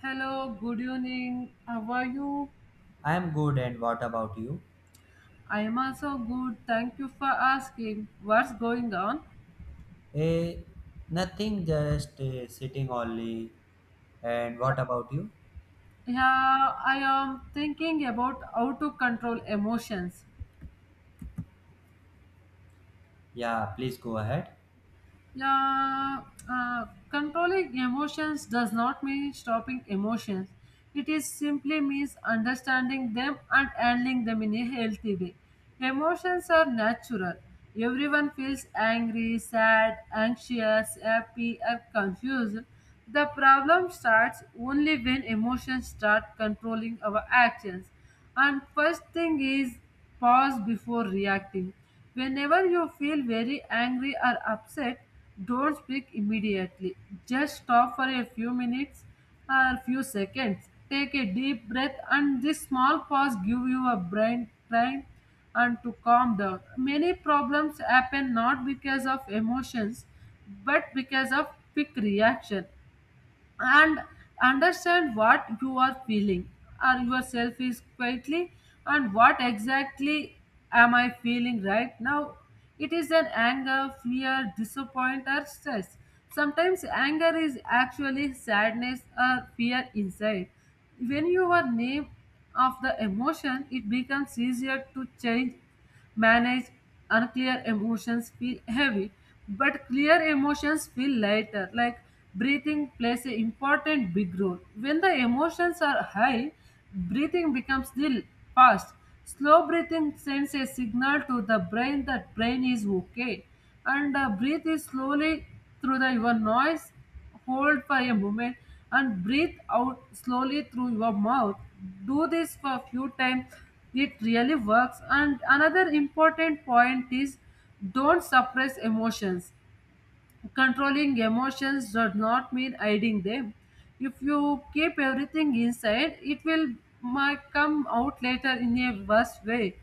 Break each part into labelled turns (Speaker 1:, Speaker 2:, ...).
Speaker 1: Hello, good evening. How are you?
Speaker 2: I'm good, and what about you?
Speaker 1: I am also good. Thank you for asking. What's going on?
Speaker 2: Eh, Nothing, just sitting only. And what about you?
Speaker 1: Yeah, I am thinking about how to control emotions.
Speaker 2: Yeah, please go ahead.
Speaker 1: Yeah, uh, Controlling emotions does not mean stopping emotions. It is simply means understanding them and handling them in a healthy way. Emotions are natural. Everyone feels angry, sad, anxious, happy, or confused. The problem starts only when emotions start controlling our actions. And first thing is pause before reacting. Whenever you feel very angry or upset, don't speak immediately. Just stop for a few minutes or few seconds. Take a deep breath, and this small pause give your brain time and to calm down. Many problems happen not because of emotions but because of quick reaction. And understand what you are feeling or yourself is quietly, and what exactly am I feeling right now? It is an anger, fear, disappointment, or stress. Sometimes anger is actually sadness or fear inside. When you are name of the emotion, it becomes easier to change, manage. Unclear emotions feel heavy, but clear emotions feel lighter. Like, breathing plays an important big role. When the emotions are high, breathing becomes the fast. Slow breathing sends a signal to the brain that brain is okay. And breathe is slowly through the your noise, hold for a moment, and breathe out slowly through your mouth. Do this for a few times. It really works. And another important point is don't suppress emotions. Controlling emotions does not mean hiding them. If you keep everything inside, it will might come out later in a worse way.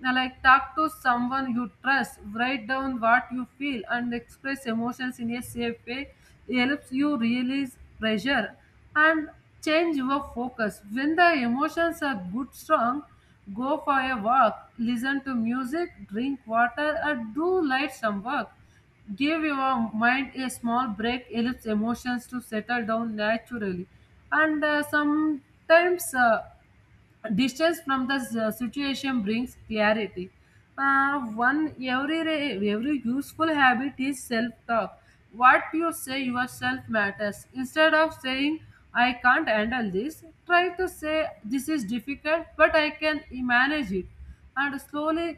Speaker 1: Now, like, talk to someone you trust, write down what you feel, and express emotions in a safe way. It helps you release pressure and change your focus. When the emotions are good, strong, go for a walk, listen to music, drink water, or do light some work. Give your mind a small break, allows emotions to settle down naturally. And sometimes distance from the situation brings clarity. Uh, one every every useful habit is self talk. What you say yourself matters. Instead of saying I can't handle this, try to say this is difficult, but I can manage it. And slowly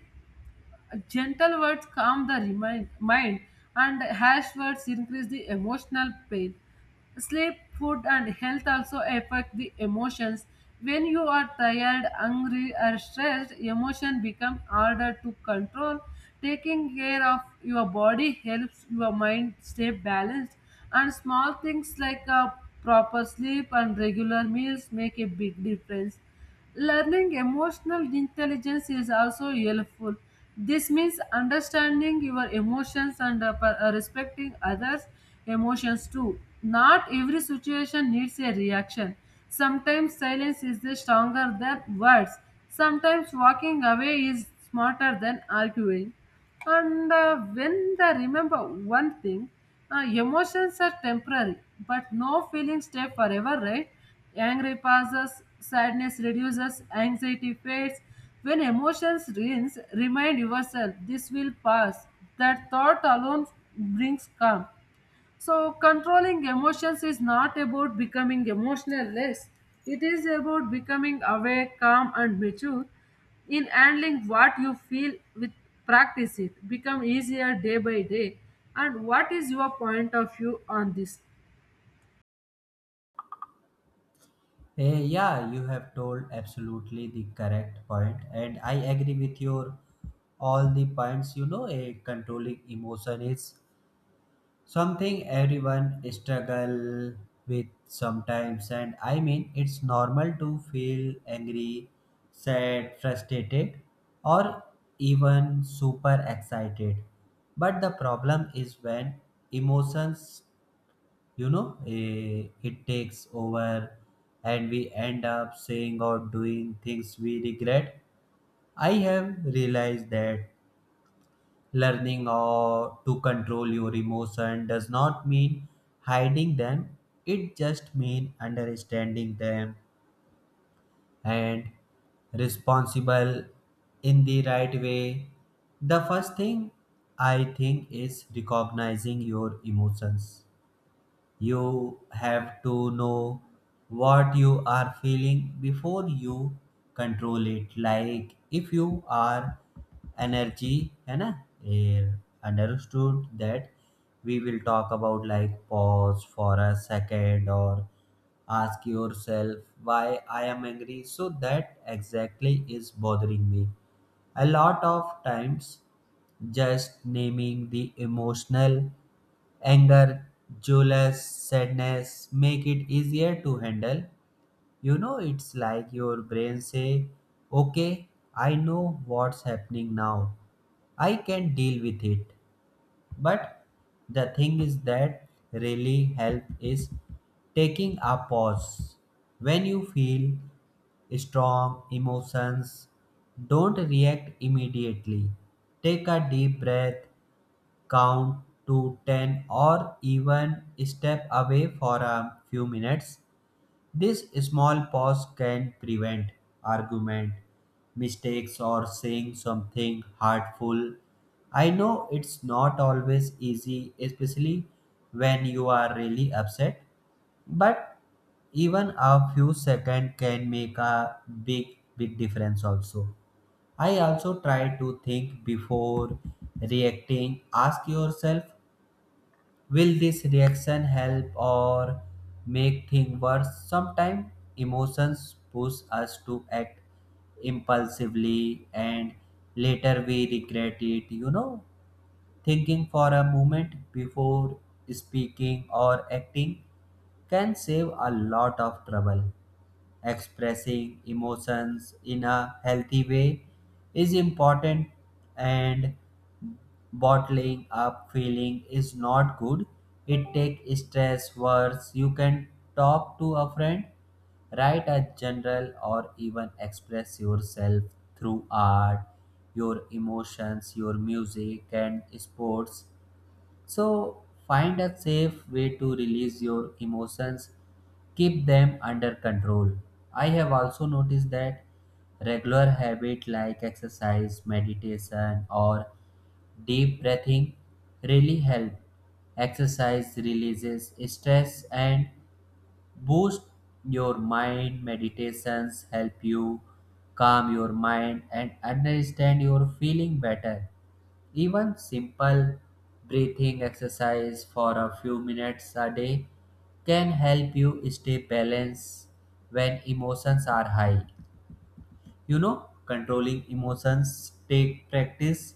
Speaker 1: gentle words calm the mind, and harsh words increase the emotional pain. Sleep, food, and health also affect the emotions. When you are tired, angry, or stressed, emotion become harder to control. Taking care of your body helps your mind stay balanced, and small things like a proper sleep and regular meals make a big difference. Learning emotional intelligence is also helpful. This means understanding your emotions and respecting others' emotions too. Not every situation needs a reaction. Sometimes silence is the stronger than words. Sometimes walking away is smarter than arguing. And when they remember one thing, emotions are temporary, but no feelings stay forever, right? Anger passes, sadness reduces, anxiety fades. When emotions rinse, remind yourself this will pass. That thought alone brings calm. So, controlling emotions is not about becoming emotionless, it is about becoming aware, calm, and mature in handling what you feel. With practice it become easier day by day. And what is your point of view on this?
Speaker 2: Yeah, you have told absolutely the correct point, and I agree with your all the points. You know, a controlling emotion is something everyone struggle with sometimes, and I mean it's normal to feel angry, sad, frustrated, or even super excited. But the problem is when emotions, it takes over and we end up saying or doing things we regret. I have realized that learning or to control your emotion does not mean hiding them. It just means understanding them and responsible in the right way. The first thing I think is recognizing your emotions. You have to know what you are feeling before you control it. Like if you are energy, है ना? Eh, Understood that we will talk about, like, pause for a second or ask yourself why I am angry. So that exactly is bothering me. A lot of times just naming the emotional anger, jealous, sadness make it easier to handle. You know, it's like your brain say, "Okay, I know what's happening now. I can deal with it." But the thing is that really help is taking a pause. When you feel strong emotions, don't react immediately. Take a deep breath, count to 10, or even step away for a few minutes. This small pause can prevent argument, mistakes, or saying something hurtful. I know it's not always easy, especially when you are really upset, but even a few seconds can make a big, big difference also. I also try to think before reacting. Ask yourself, will this reaction help or make things worse? Sometimes emotions push us to act impulsively and later we regret it. Thinking for a moment before speaking or acting can save a lot of trouble. Expressing emotions in a healthy way is important, and bottling up feeling is not good. It take stress worse. You can talk to a friend, write a journal, or even express yourself through art, your emotions, your music and sports. So find a safe way to release your emotions, keep them under control. I have also noticed that regular habit like exercise, meditation, or deep breathing really help. Exercise releases stress and boost your mind. Meditations help you calm your mind and understand your feeling better. Even simple breathing exercise for a few minutes a day can help you stay balanced when emotions are high. You know, controlling emotions take practice.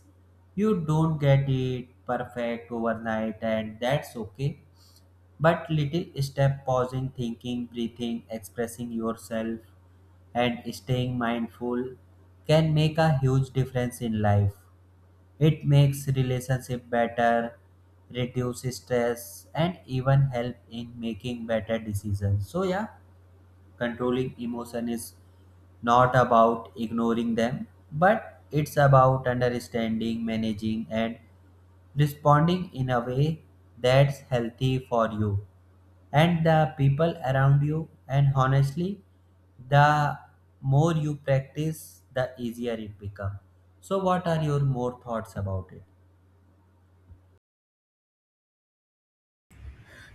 Speaker 2: You don't get it perfect overnight, and that's okay. But little step, pausing, thinking, breathing, expressing yourself, and staying mindful can make a huge difference in life. It makes relationship better, reduce stress, and even help in making better decisions. So yeah, controlling emotion is not about ignoring them, but it's about understanding, managing, and responding in a way that's healthy for you and the people around you. And honestly, the more you practice, the easier it becomes. So, what are your more thoughts about it?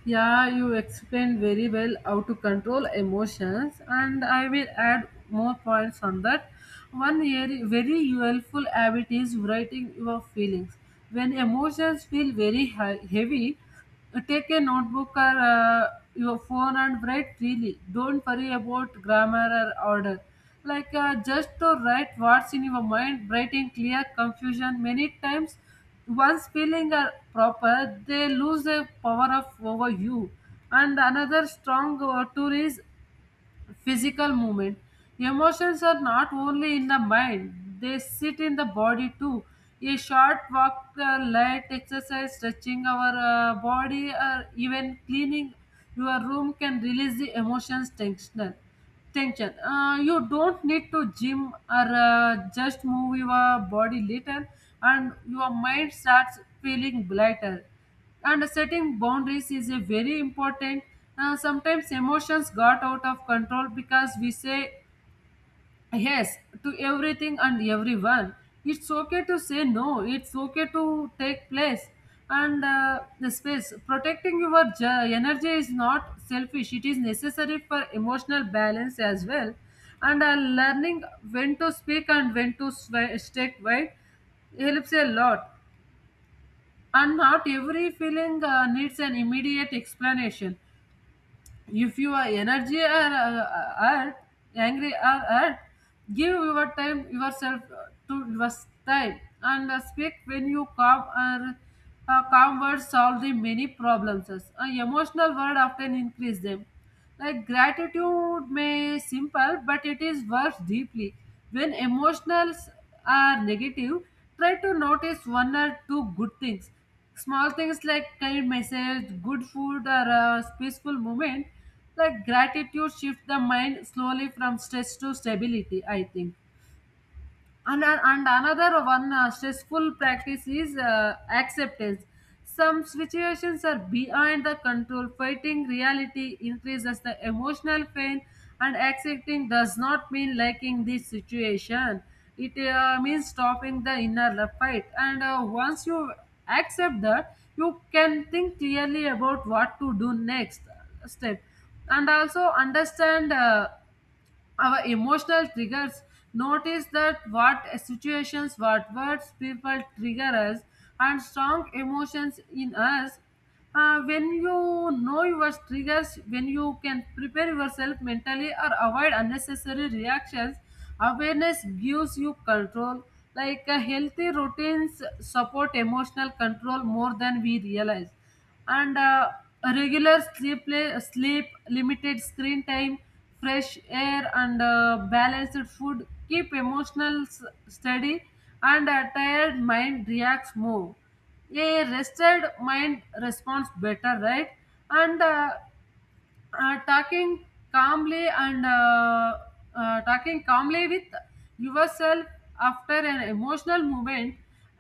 Speaker 1: Yeah, you explained very well how to control emotions, and I will add more points on that. One very very helpful habit is writing your feelings. When emotions feel heavy, take a notebook or your phone and write freely. Don't worry about grammar or order. Like, just to write what's in your mind, writing clear confusion many times. Once feeling are proper, they lose their power of over you. And another strong tool is physical movement. Emotions are not only in the mind; they sit in the body too. A short walk, light exercise, stretching our body, or even cleaning your room can release the emotions tension. You don't need to gym or just move your body little, and your mind starts feeling lighter. And setting boundaries is a very important. Sometimes emotions got out of control because we say yes to everything and everyone. It's okay to say no. It's okay to take place and the space. Protecting your energy is not selfish. It is necessary for emotional balance as well. And learning when to speak and when to stay quiet helps a lot. And not every feeling needs an immediate explanation. If you are energy or are angry or hurt, give your time yourself to your time, and speak when you calm or calm words solve the many problems. Emotional word often increase them. Like gratitude may simple, but it is worth deeply. When emotionals are negative, try to notice one or two good things. Small things like kind message, good food, or a peaceful moment, like gratitude, shift the mind slowly from stress to stability. I think, and another one, stressful practice is acceptance. Some situations are beyond the control. Fighting reality increases the emotional pain, and accepting does not mean liking this situation. It means stopping the inner fight, and once you accept that, you can think clearly about what to do next step. And also understand our emotional triggers. Notice that what situations, what words, people trigger us and strong emotions in us. When you know your triggers, when you can prepare yourself mentally or avoid unnecessary reactions, awareness gives you control. Like, healthy routines support emotional control more than we realize. And a regular sleep, limited screen time, fresh air, and balanced food keep emotional steady. And a tired mind reacts more, a rested mind responds better, right? And uh, uh, talking calmly and uh, uh, talking calmly with yourself after an emotional moment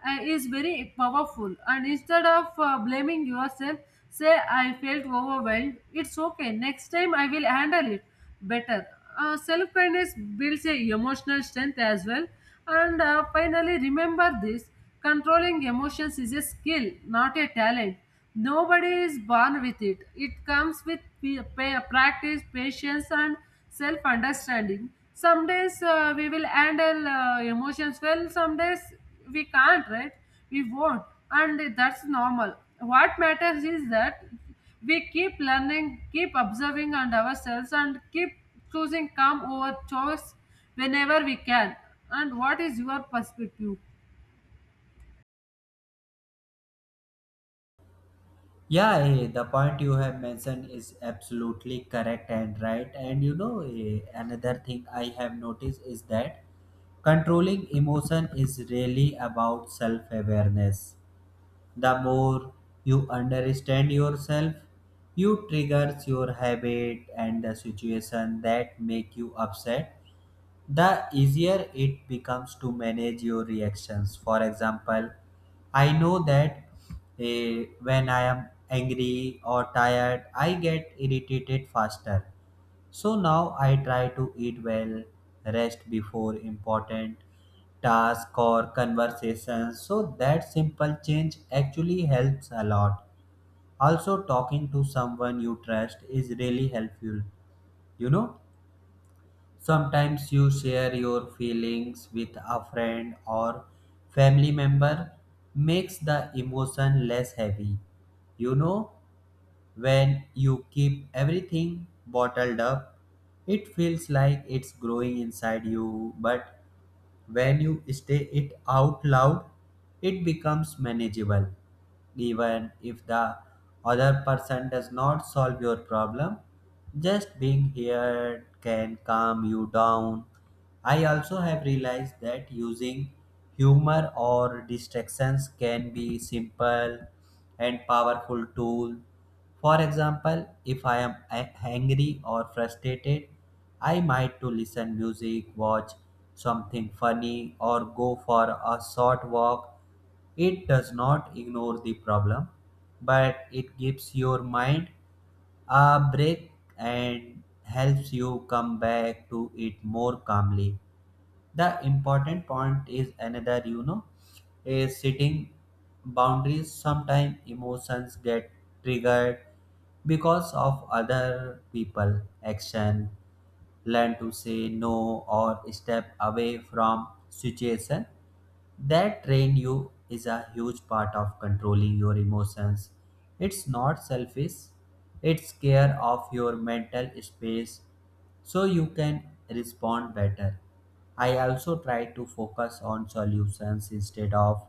Speaker 1: is very powerful. And instead of blaming yourself, say I felt overwhelmed, it's okay, next time I will handle it better. Self kindness builds a emotional strength as well. And finally remember this, controlling emotions is a skill, not a talent. Nobody is born with it. It comes with practice, patience, and self understanding. Some days we will handle emotions well, some days we can't, right? We won't, and that's normal. What matters is that we keep learning, keep observing on ourselves, and keep choosing calm over choice whenever we can. And what is your perspective?
Speaker 2: Yeah, the point you have mentioned is absolutely correct and right. And you know, another thing I have noticed is that controlling emotion is really about self awareness. The more you understand yourself, you triggers your habit and the situation that make you upset, the easier it becomes to manage your reactions. For example, I know that when I am angry or tired, I get irritated faster. So now I try to eat well, rest before important task or conversations. So that simple change actually helps a lot. Also, talking to someone you trust is really helpful. You know, sometimes you share your feelings with a friend or family member makes the emotion less heavy. You know, when you keep everything bottled up, it feels like it's growing inside you, but when you say it out loud, it becomes manageable. Even if the other person does not solve your problem, just being here can calm you down. I also have realized that using humor or distractions can be simple and powerful tool. For example, if I am angry or frustrated, I might to listen music, watch something funny, or go for a short walk. It does not ignore the problem, but it gives your mind a break and helps you come back to it more calmly. The important point is another, you know, is setting boundaries. Sometimes emotions get triggered because of other people action. Learn to say no or step away from situation that train you is a huge part of controlling your emotions. It's not selfish, it's care of your mental space so you can respond better. I also try to focus on solutions instead of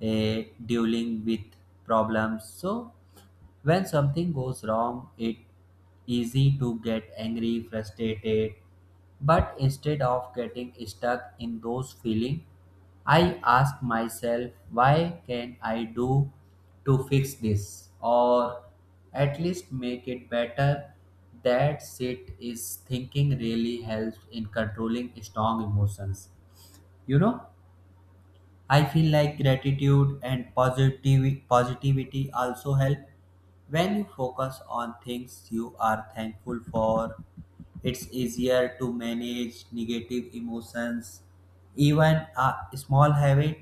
Speaker 2: dealing with problems. So when something goes wrong, it easy to get angry, frustrated. But instead of getting stuck in those feelings, I ask myself, why can I do to fix this or at least make it better? That sit is thinking really helps in controlling strong emotions. You know? I feel like gratitude and positive positivity also help. When you focus on things you are thankful for, it's easier to manage negative emotions. Even a small habit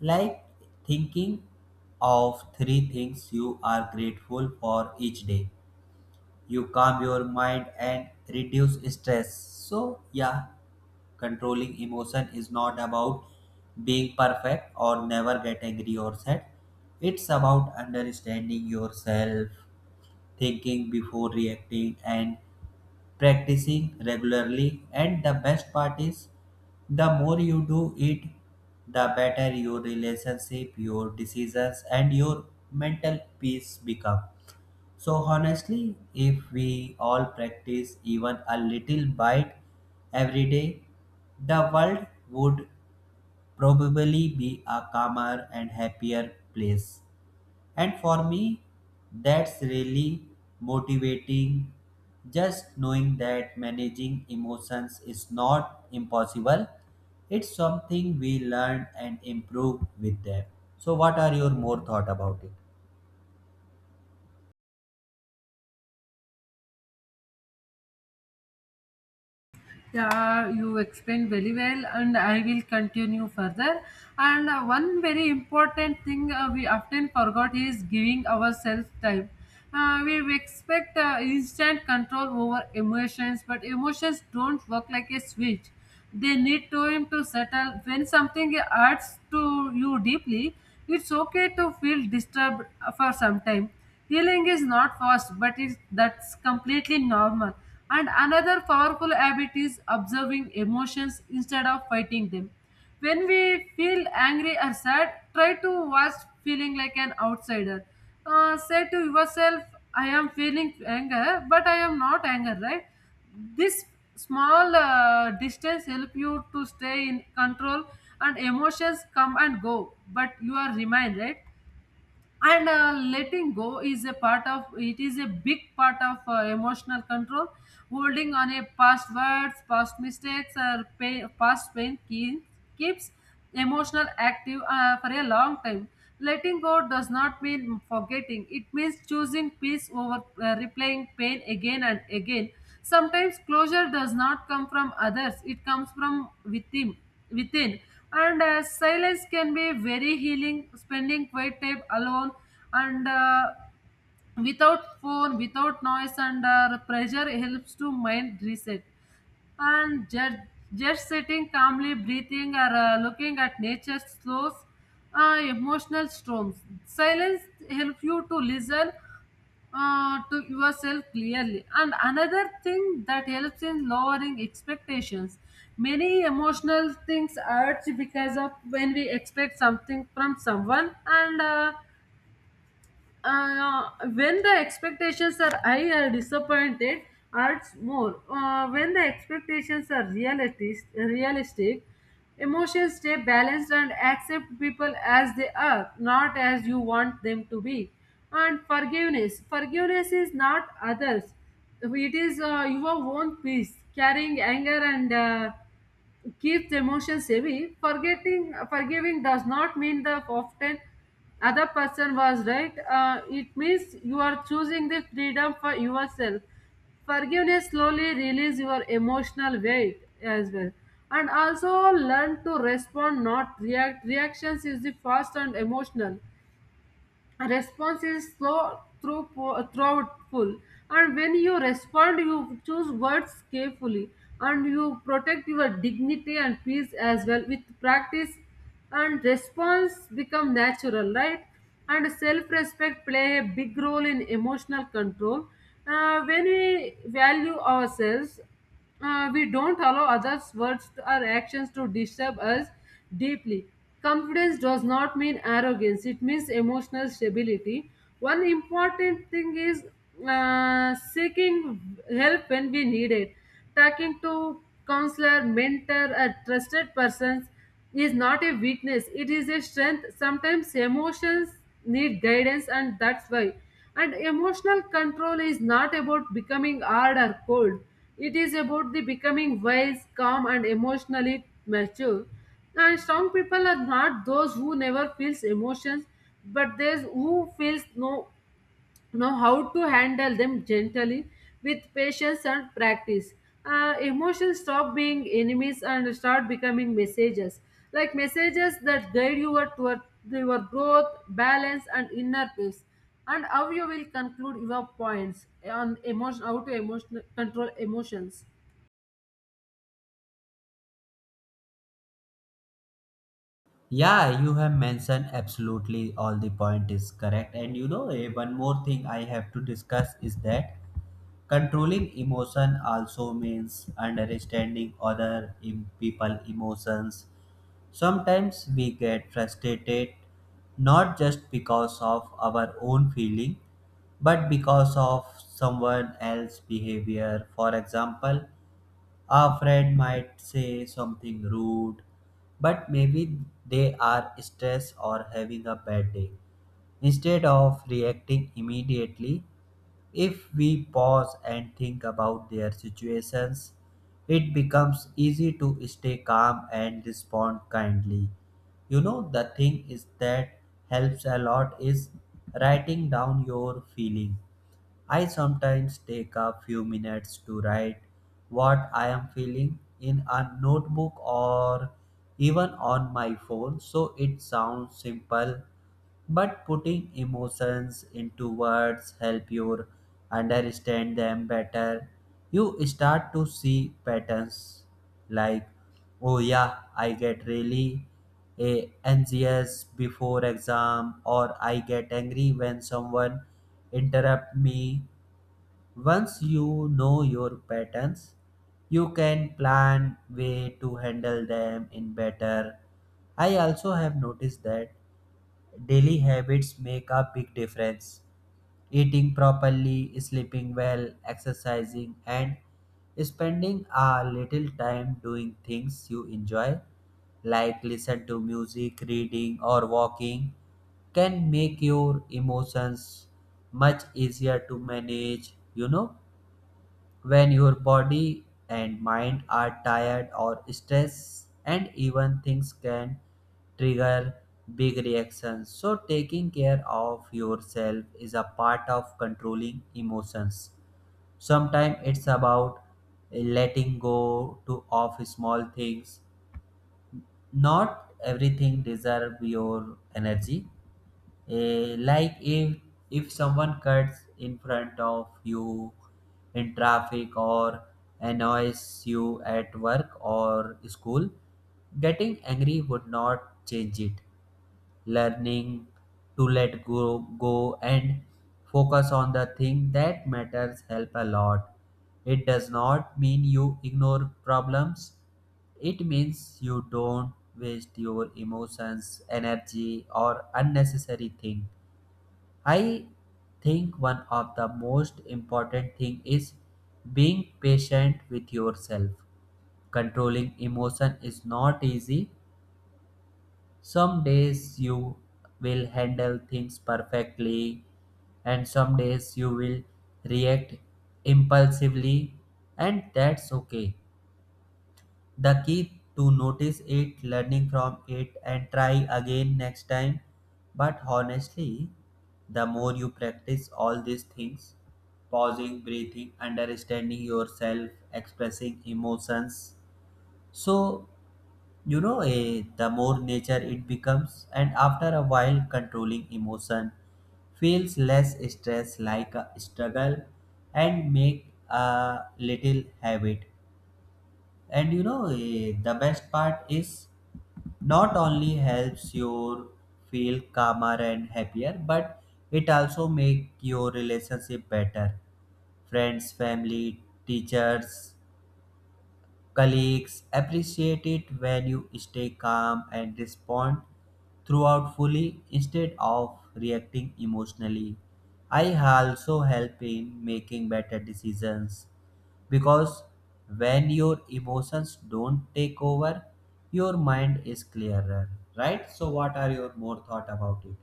Speaker 2: like thinking of three things you are grateful for each day. You calm your mind and reduce stress. So, yeah, controlling emotion is not about being perfect or never get angry or sad. It's about understanding yourself, thinking before reacting, and practicing regularly. And the best part is, the more you do it, the better your relationship, your decisions, and your mental peace become. So honestly, if we all practice even a little bite every day, the world would probably be a calmer and happier place. And for me, that's really motivating. Just knowing that managing emotions is not impossible, it's something we learn and improve with them. So, what are your more thought about it?
Speaker 1: Yeah, you explained very well, and I will continue further. And one very important thing we often forgot is giving ourselves time. We expect instant control over emotions, but emotions don't work like a switch. They need time to settle. When something hurts to you deeply, it's okay to feel disturbed for some time. Healing is not fast, but it's, that's completely normal. And another powerful habit is observing emotions instead of fighting them. When we feel angry or sad, try to watch feeling like an outsider. Say to yourself, I am feeling anger, but I am not anger, right? This small distance help you to stay in control, and emotions come and go, but you are remain, right? And letting go is a part of it, is a big part of emotional control. Holding on a past words, past mistakes, or pain, past pain keeps emotional active for a long time. Letting go does not mean forgetting, it means choosing peace over replaying pain again and again. Sometimes closure does not come from others, it comes from within. And silence can be very healing. Spending quiet time alone and without phone, without noise, and pressure helps to mind reset. And just sitting calmly, breathing, or looking at nature slows emotional storms. Silence helps you to listen to yourself clearly. And another thing that helps in lowering expectations. Many emotional things urge because of when we expect something from someone, and when the expectations are high or disappointed, hurts more. When the expectations are realistic, emotions stay balanced. And accept people as they are, not as you want them to be. And forgiveness is not others, it is your own peace. Carrying anger and keeps emotions heavy. Forgetting, forgiving does not mean that often other person was right. It means you are choosing the freedom for yourself. Forgiveness slowly release your emotional weight as well. And also learn to respond, not react. Reactions is the fast and emotional. A response is slow through thoughtful, and when you respond you choose words carefully and you protect your dignity and peace as well. With practice and response become natural, right? And self-respect play a big role in emotional control. When we value ourselves, we don't allow others' words to- or actions to disturb us deeply. Confidence does not mean arrogance, it means emotional stability. One important thing is seeking help when we need it, talking to counselor, mentor, or trusted persons is not a weakness, it is a strength. Sometimes emotions need guidance and that's why. And emotional control is not about becoming hard or cold, it is about the becoming wise, calm, and emotionally mature. And strong people are not those who never feels emotions, but those who feels no know how to handle them gently with patience and practice. Emotions stop being enemies and start becoming messages, like messages that guide you toward your growth, balance, and inner peace. And how you will conclude your points on emotion, how to emotion, control emotions?
Speaker 2: Yeah, you have mentioned absolutely all the point is correct. And you know, one more thing I have to discuss is that controlling emotion also means understanding other people emotions. Sometimes we get frustrated not just because of our own feeling but because of someone else's behavior. For example, a friend might say something rude, but maybe they are stressed or having a bad day. Instead of reacting immediately, if we pause and think about their situations, it becomes easy to stay calm and respond kindly. You know, the thing is that helps a lot is writing down your feeling. I sometimes take a few minutes to write what I am feeling in a notebook or even on my phone, so it sounds simple, but putting emotions into words help you understand them better. You start to see patterns like, oh yeah, I get really anxious before exam, or I get angry when someone interrupt me. Once you know your patterns, you can plan way to handle them in better. I also have noticed that daily habits make a big difference. Eating properly, sleeping well, exercising, and spending a little time doing things you enjoy, like listen to music, reading, or walking, can make your emotions much easier to manage, you know. When your body and mind are tired or stressed, and even things can trigger big reactions. So, taking care of yourself is a part of controlling emotions. Sometimes it's about letting go to of small things. Not everything deserves your energy. Like if someone cuts in front of you in traffic or annoys you at work or school, getting angry would not change it. Learning to let go and focus on the thing that matters help a lot. It does not mean you ignore problems. It means you don't waste your emotions, energy, or unnecessary thing. I think one of the most important thing is being patient with yourself. Controlling emotion is not easy. Some days you will handle things perfectly, and some days you will react impulsively, and that's okay. The key to notice it, learning from it and try again next time. But honestly, the more you practice all these things, pausing, breathing, understanding yourself, expressing emotions, so the more nature it becomes, and after a while controlling emotion feels less stress like a struggle and make a little habit. And you know, the best part is not only helps you feel calmer and happier, but it also make your relationship better. Friends, family, teachers, colleagues appreciate it when you stay calm and respond throughout fully instead of reacting emotionally. I also help in making better decisions because when your emotions don't take over, your mind is clearer, right? So, what are your more thought about it?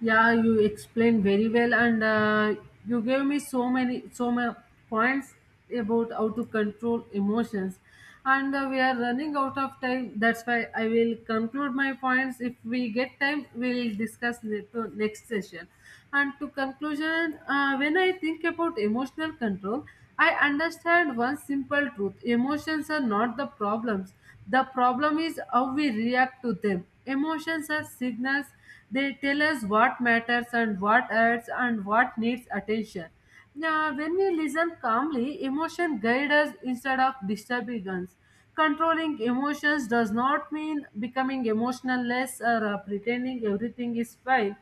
Speaker 1: Yeah, you explained very well, and you gave me so many points about how to control emotions, and we are running out of time. That's why I will conclude my points. If we get time, we'll discuss ne- to next session. And to conclusion, when I think about emotional control, I understand one simple truth: emotions are not the problems. The problem is how we react to them. Emotions are signals, they tell us what matters and what hurts and what needs attention. Now, when we listen calmly, emotion guide us instead of disturbing us. Controlling emotions does not mean becoming emotional less or pretending everything is fine.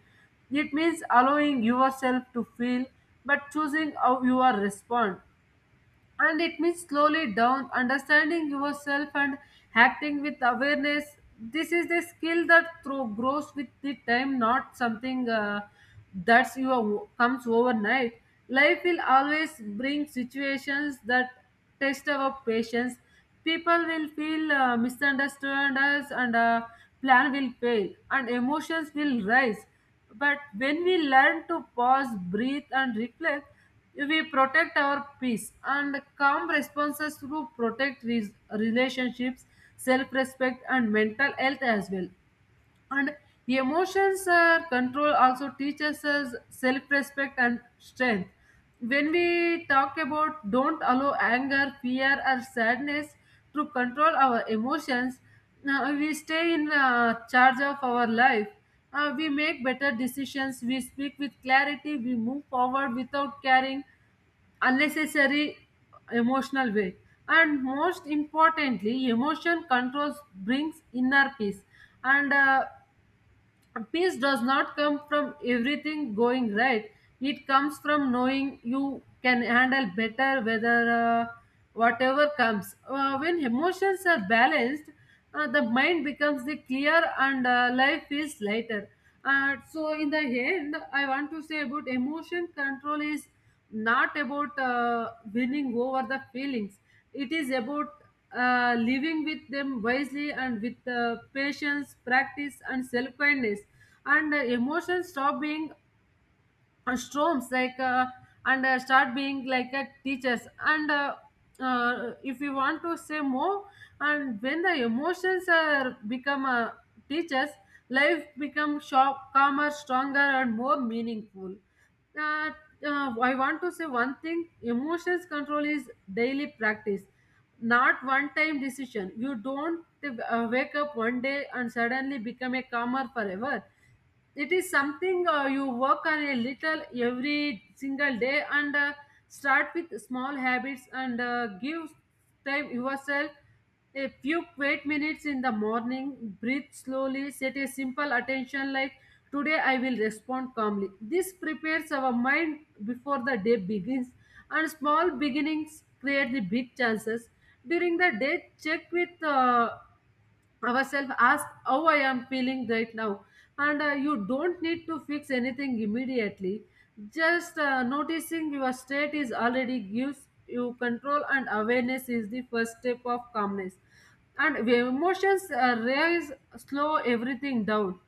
Speaker 1: It means allowing yourself to feel, but choosing how you are respond. And it means slowly down understanding yourself and acting with awareness. This is the skill that through grows with the time, not something that's you comes overnight. Life will always bring situations that test our patience. People will feel misunderstood us, and plan will fail and emotions will rise. But when we learn to pause, breathe, and reflect, we protect our peace, and calm responses to protect relationships, self-respect, and mental health as well. And emotions control also teaches us self-respect and strength. When we talk about don't allow anger, fear, or sadness to control our emotions, we stay in charge of our life. We make better decisions, we speak with clarity, we move forward without caring unnecessary emotional way. And most importantly, emotion controls brings inner peace. And peace does not come from everything going right, it comes from knowing you can handle better, whether uh, whatever comes. When emotions are balanced, the mind becomes the clear, and life is lighter. So in the end, I want to say about emotion control is not about winning over the feelings, it is about living with them wisely and with patience, practice, and self kindness. And emotions stop being storms like and start being like a teachers and if you want to say more. And when the emotions are become teachers, life become sharp, calmer, stronger, and more meaningful. Uh, uh, i want to say one thing: emotions control is daily practice, not one time decision. You don't wake up one day and suddenly become a calmer forever. It is something you work on a little every single day, and start with small habits, and give time yourself a few quiet minutes in the morning, breathe slowly, set a simple attention like today I will respond calmly. This prepares our mind before the day begins, and small beginnings create the big chances. During the day, check with ourselves, ask how I am feeling right now. And you don't need to fix anything immediately, just noticing your state is already gives you control, and awareness is the first step of calmness. And the emotions rise, slow everything down,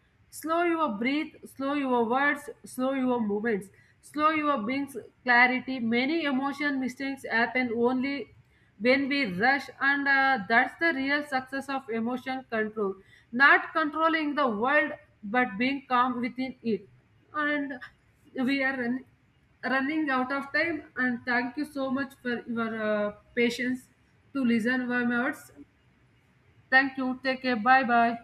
Speaker 1: slow your breath, slow your words, slow your movements, slow your beings. Clarity, many emotion mistakes happen only when we rush, and that's the real success of emotion control, not controlling the world but being calm within it. And we are running out of time, and thank you so much for your patience to listen my words. Thank you, take care, bye bye.